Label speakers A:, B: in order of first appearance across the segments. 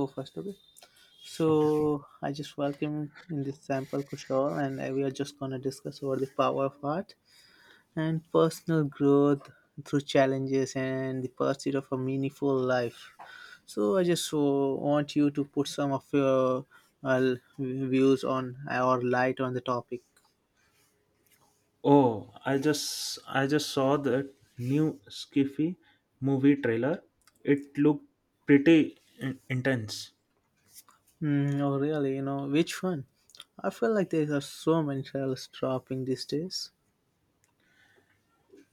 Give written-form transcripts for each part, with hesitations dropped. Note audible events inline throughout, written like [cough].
A: Go first, okay. So
B: Okay.
A: I just welcome in this sample Kushal and we are just going to discuss over the power of art and personal growth through challenges and the pursuit of a meaningful life. So I just want you to put some of your uh, views on or light on the topic.
B: Oh, I just saw the new Skiffy movie trailer. It looked pretty intense.
A: Mm, oh really, you know, which one? I feel like there are so many titles dropping these days.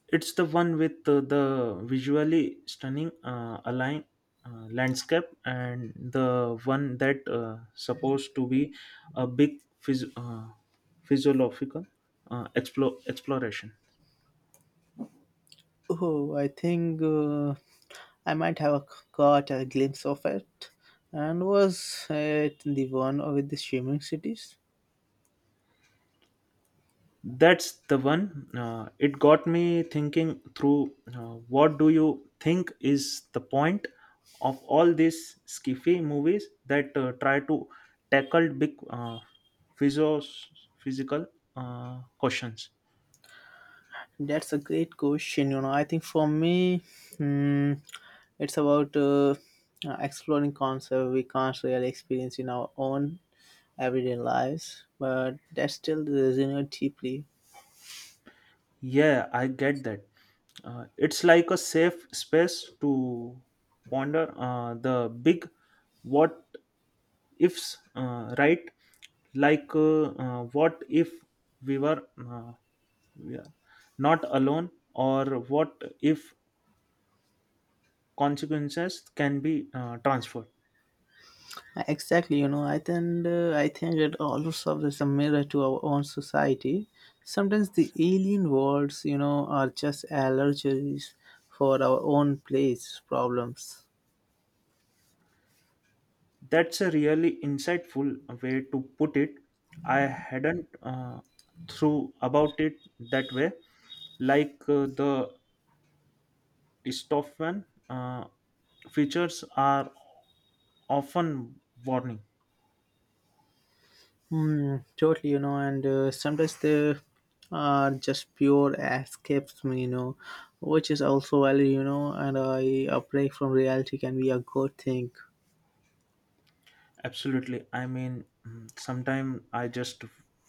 B: It's the one with the visually stunning align landscape and the one that supposed to be a big physiological exploration.
A: Oh, I think I might have caught a glimpse of it. And was it the one with the streaming cities?
B: That's the one. It got me thinking through, what do you think is the point of all these skiffy movies that try to tackle big physios, physical questions?
A: That's a great question. You know, I think for me, hmm, it's about exploring concepts we can't really experience in our own everyday lives, but that still resonate deeply.
B: Yeah, I get that. It's like a safe space to ponder the big what ifs, right? Like, what if we were. Yeah, not alone, or what if consequences can be transferred.
A: Exactly, you know, I think it also serves as a mirror to our own society. Sometimes the alien worlds, you know, are just allergies for our own place problems.
B: That's a really insightful way to put it. I hadn't through about it that way. Like, the dystopian features are often warning.
A: Hmm, totally, you know, and sometimes they are just pure escapism, you know, which is also valid, you know, and I a break from reality can be a good thing.
B: Absolutely, I mean sometimes I just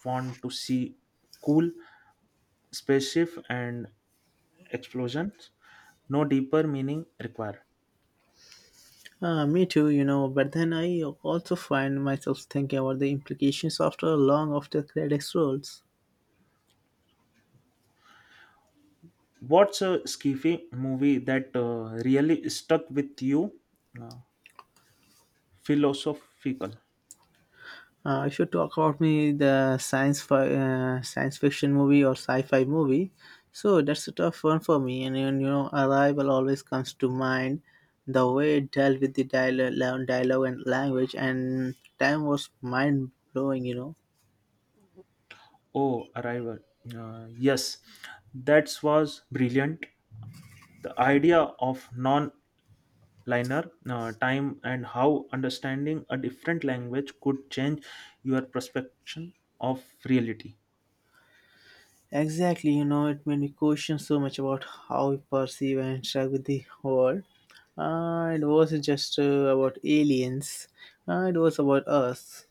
B: want to see cool spaceship and explosions, no deeper meaning required.
A: Me too, you know, but then I also find myself thinking about the implications after long after credits rolls.
B: What's a sci-fi movie that really stuck with you? Uh, Philosophical.
A: If you talk about me, the science fiction movie or sci-fi movie, so that's a tough one for me. And you know, Arrival always comes to mind. The way it dealt with the dialogue and language and time was mind blowing. You know,
B: Oh, Arrival. Yes, that was brilliant. The idea of non-linear time and how understanding a different language could change your perception of reality.
A: exactly, you know, it made me question so much about how we perceive and interact with the world. It wasn't just about aliens, it was about us.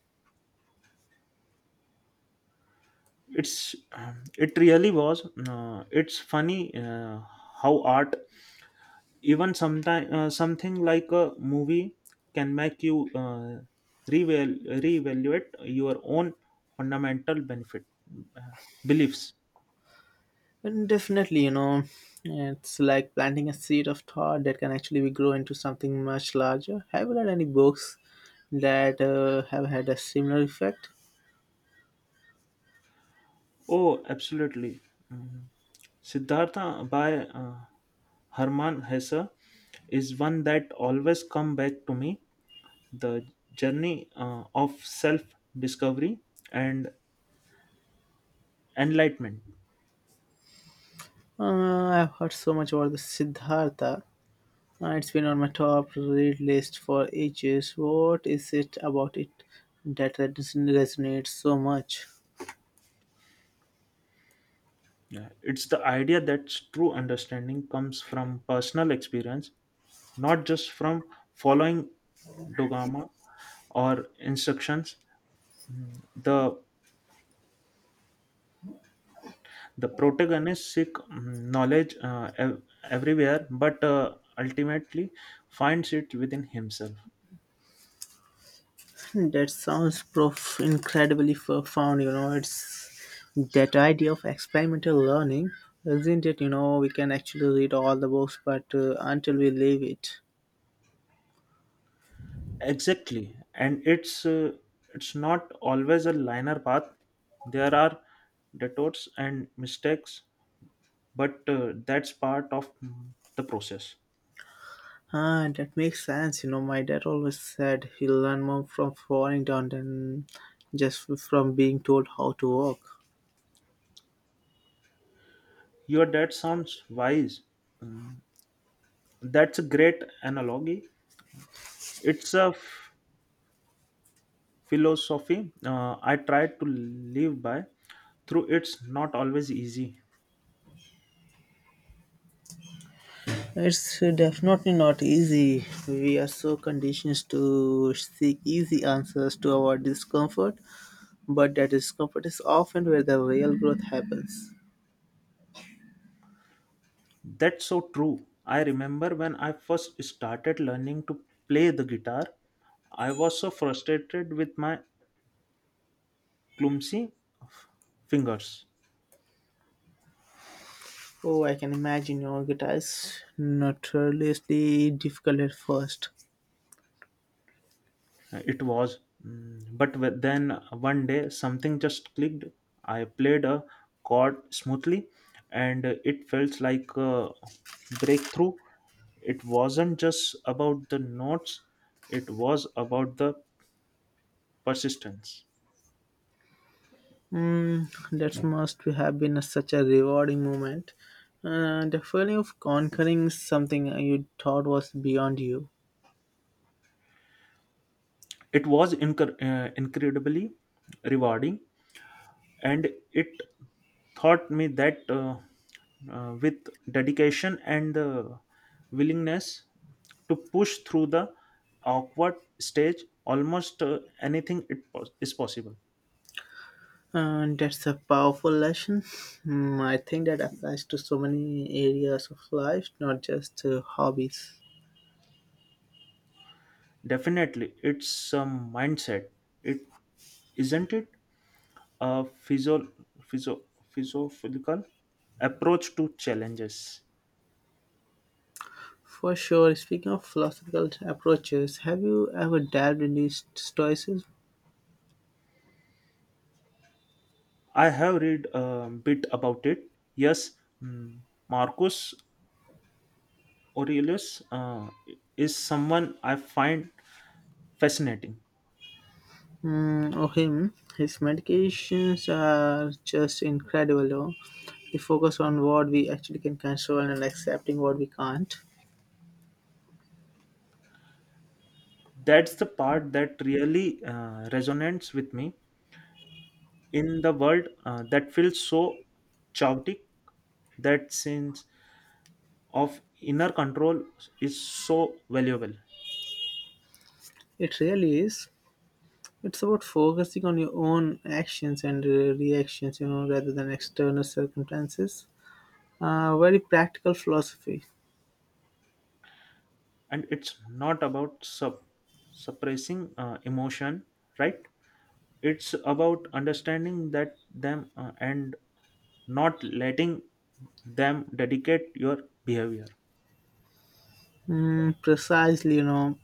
B: It really was. It's funny how art, even sometime something like a movie, can make you reval- reevaluate your own fundamental benefit, uh, beliefs.
A: And definitely, you know, it's like planting a seed of thought that can actually be grow into something much larger. Have you read any books that have had a similar effect?
B: Oh, absolutely. Mhm. Siddhartha by uh, Herman Hesse is one that always come back to me. The journey of self discovery and enlightenment.
A: Uh, I've heard so much about the Siddhartha. It's been on my top read list for ages. What is it about it that resonates so much?
B: Yeah, it's the idea that true understanding comes from personal experience, not just from following dogma or instructions. The the protagonist seek, knowledge everywhere, but ultimately finds it within himself.
A: Hmm, that sounds incredibly profound, you know. It's that idea of experimental learning, isn't it? You know, we can actually read all the books, but until we leave it.
B: Exactly, and it's not always a linear path. There are detours and mistakes, but that's part of, the process.
A: Ah, that makes sense. You know, my dad always said he'll learn more from falling down than just from being told how to walk.
B: Your dad sounds wise. That's a great analogy. It's a philosophy I try to live by, through it's not always easy.
A: It's definitely not easy. We are so conditioned to seek easy answers to our discomfort, but that discomfort is often where the real growth happens.
B: That's so true. I remember when I first started learning to play the guitar, I was so frustrated with my clumsy fingers.
A: Oh, I can imagine your guitar is notoriously difficult at first.
B: It was. But then one day something just clicked. I played a chord smoothly and it felt like a breakthrough. It wasn't just about the notes, it was about the persistence.
A: That must have been such a rewarding moment. The feeling of conquering something you thought was beyond you.
B: It was incredibly rewarding, and it taught me that, with dedication and the willingness to push through the awkward stage, almost anything is possible.
A: And that's a powerful lesson. Hmm, I think that applies to so many areas of life, not just hobbies.
B: Definitely, it's a mindset, it isn't it, a physio physiological approach to challenges.
A: For sure, speaking of philosophical approaches, have you ever dabbled into stoicism?
B: I have read a bit about it, yes. mm, Marcus Aurelius uh, is someone I find fascinating.
A: Mm, or him, his medications are just incredible. Though. They focus on what we actually can control and accepting what we can't.
B: That's the part that really resonates with me. In the world that feels so chaotic, that sense of inner control is so valuable.
A: It really is. It's about focusing on your own actions and reactions, you know, rather than external circumstances. Very practical philosophy.
B: And it's not about suppressing emotion, right? It's about understanding that them and not letting them dedicate your behavior.
A: Mm, precisely, you know,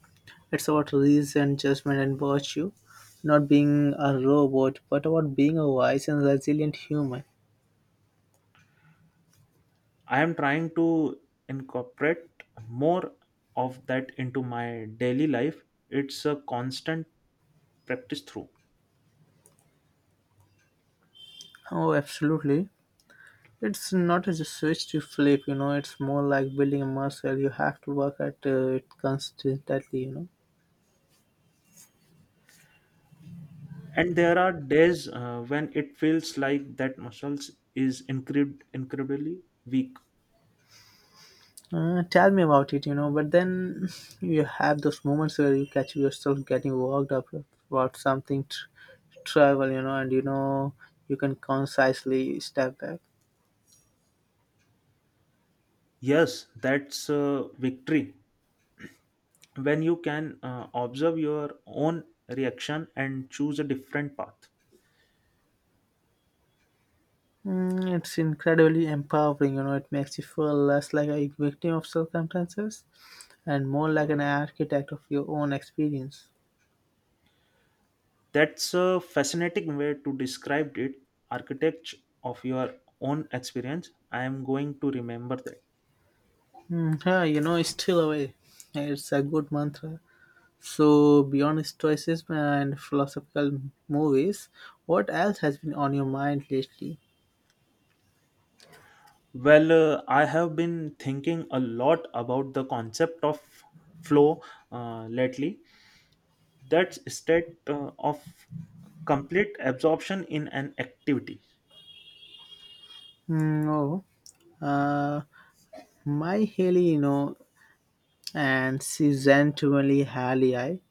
A: it's about reason, judgment, and virtue. Not being a robot, but about being a wise and resilient human.
B: I am trying to incorporate more of that into my daily life. It's a constant practice through.
A: Oh, absolutely. It's not just a switch to flip, you know, it's more like building a muscle. You have to work at it constantly, you know.
B: And there are days when it feels like that muscles is incredibly weak.
A: Tell me about it, you know. But then [laughs] you have those moments where you catch yourself getting worked up about something trivial, you know, and you know you can concisely step back.
B: Yes, that's a victory when you can observe your own reaction and choose a different path.
A: Mm, it's incredibly empowering, you know. It makes you feel less like a victim of circumstances and more like an architect of your own experience.
B: That's a fascinating way to describe it. Architect of your own experience, I am going to remember that.
A: Mm, yeah, you know, it's still away. It's a good mantra. So, beyond stoicism and philosophical movies, what else has been on your mind lately?
B: Well, I have been thinking a lot about the concept of flow lately. That state of complete absorption in an activity.
A: Hmm, oh, uh, my Haley, you know, and Season 20 Haley. I,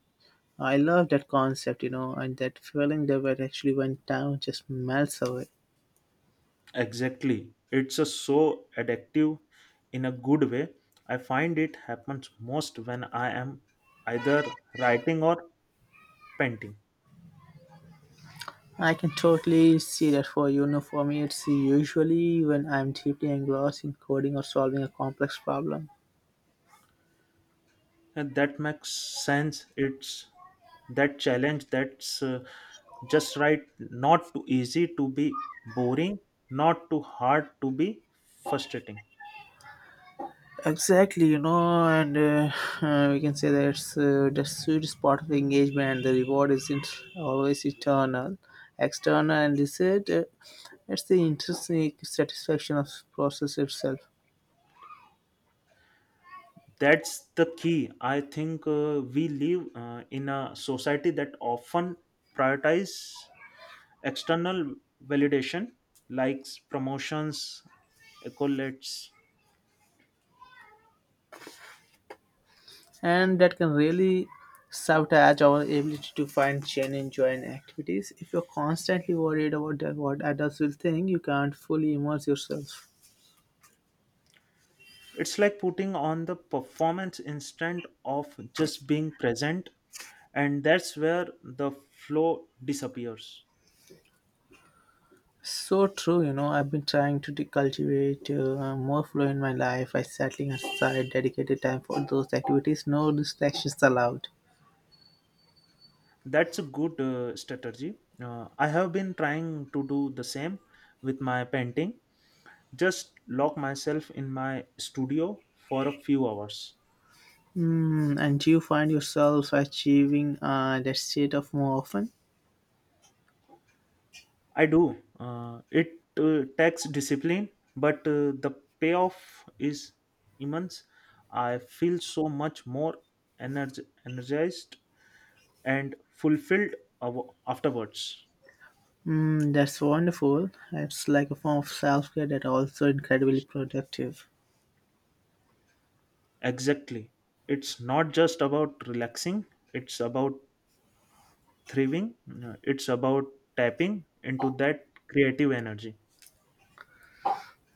A: I love that concept, you know, and that feeling that when actually went down just melts away.
B: Exactly, it's a so addictive in a good way. I find it happens most when I am either writing or painting.
A: I can totally see that for you. You know, for me, it's usually when I'm deeply engrossed in coding or solving a complex problem.
B: And that makes sense, it's that challenge that's just right, not too easy to be boring, not too hard to be frustrating.
A: Exactly, you know, and [laughs] we can say that's the sweet spot of engagement. The reward isn't always eternal, external, and this is it? It's the intrinsic satisfaction of process itself,
B: That's the key, I think we live, in a society that often prioritize external validation, likes, promotions, accolades.
A: and that can really sabotage our ability to find genuine joy in activities. If you're constantly worried about that, what others will think, you can't fully immerse yourself.
B: It's like putting on the performance instead of just being present, and that's where the flow disappears.
A: So true, you know. I've been trying to cultivate more flow in my life by setting aside dedicated time for those activities, no distractions allowed.
B: That's a good strategy. I have been trying to do the same with my painting, just lock myself in my studio for a few hours.
A: Mm, and do you find yourself achieving that state of more often?
B: I do. It takes discipline, but the payoff is immense. I feel so much more energized and fulfilled afterwards.
A: Mm, that's wonderful. It's like a form of self care that also incredibly productive.
B: Exactly. It's not just about relaxing, it's about thriving, it's about tapping into that creative energy.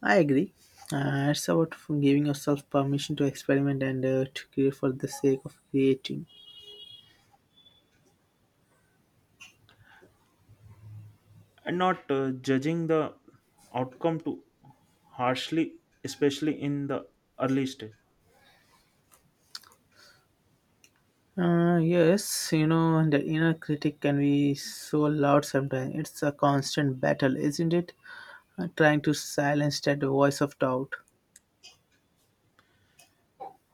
A: I agree. It's about giving yourself permission to experiment and to create for the sake of creating.
B: And not judging the outcome too harshly, especially in the early stage.
A: Yes, you know, the inner critic can be so loud sometimes. It's a constant battle, isn't it? Trying to silence that voice of doubt.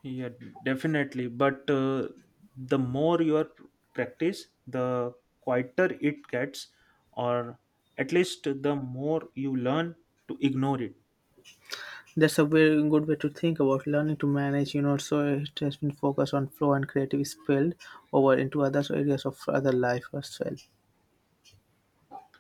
B: Yeah, definitely. But the more you are practice, the quieter it gets, or at least the more you learn to ignore it.
A: That's a very good way to think about learning to manage, you know, so it has been focused on flow and creative spilled over into other areas of other life as well.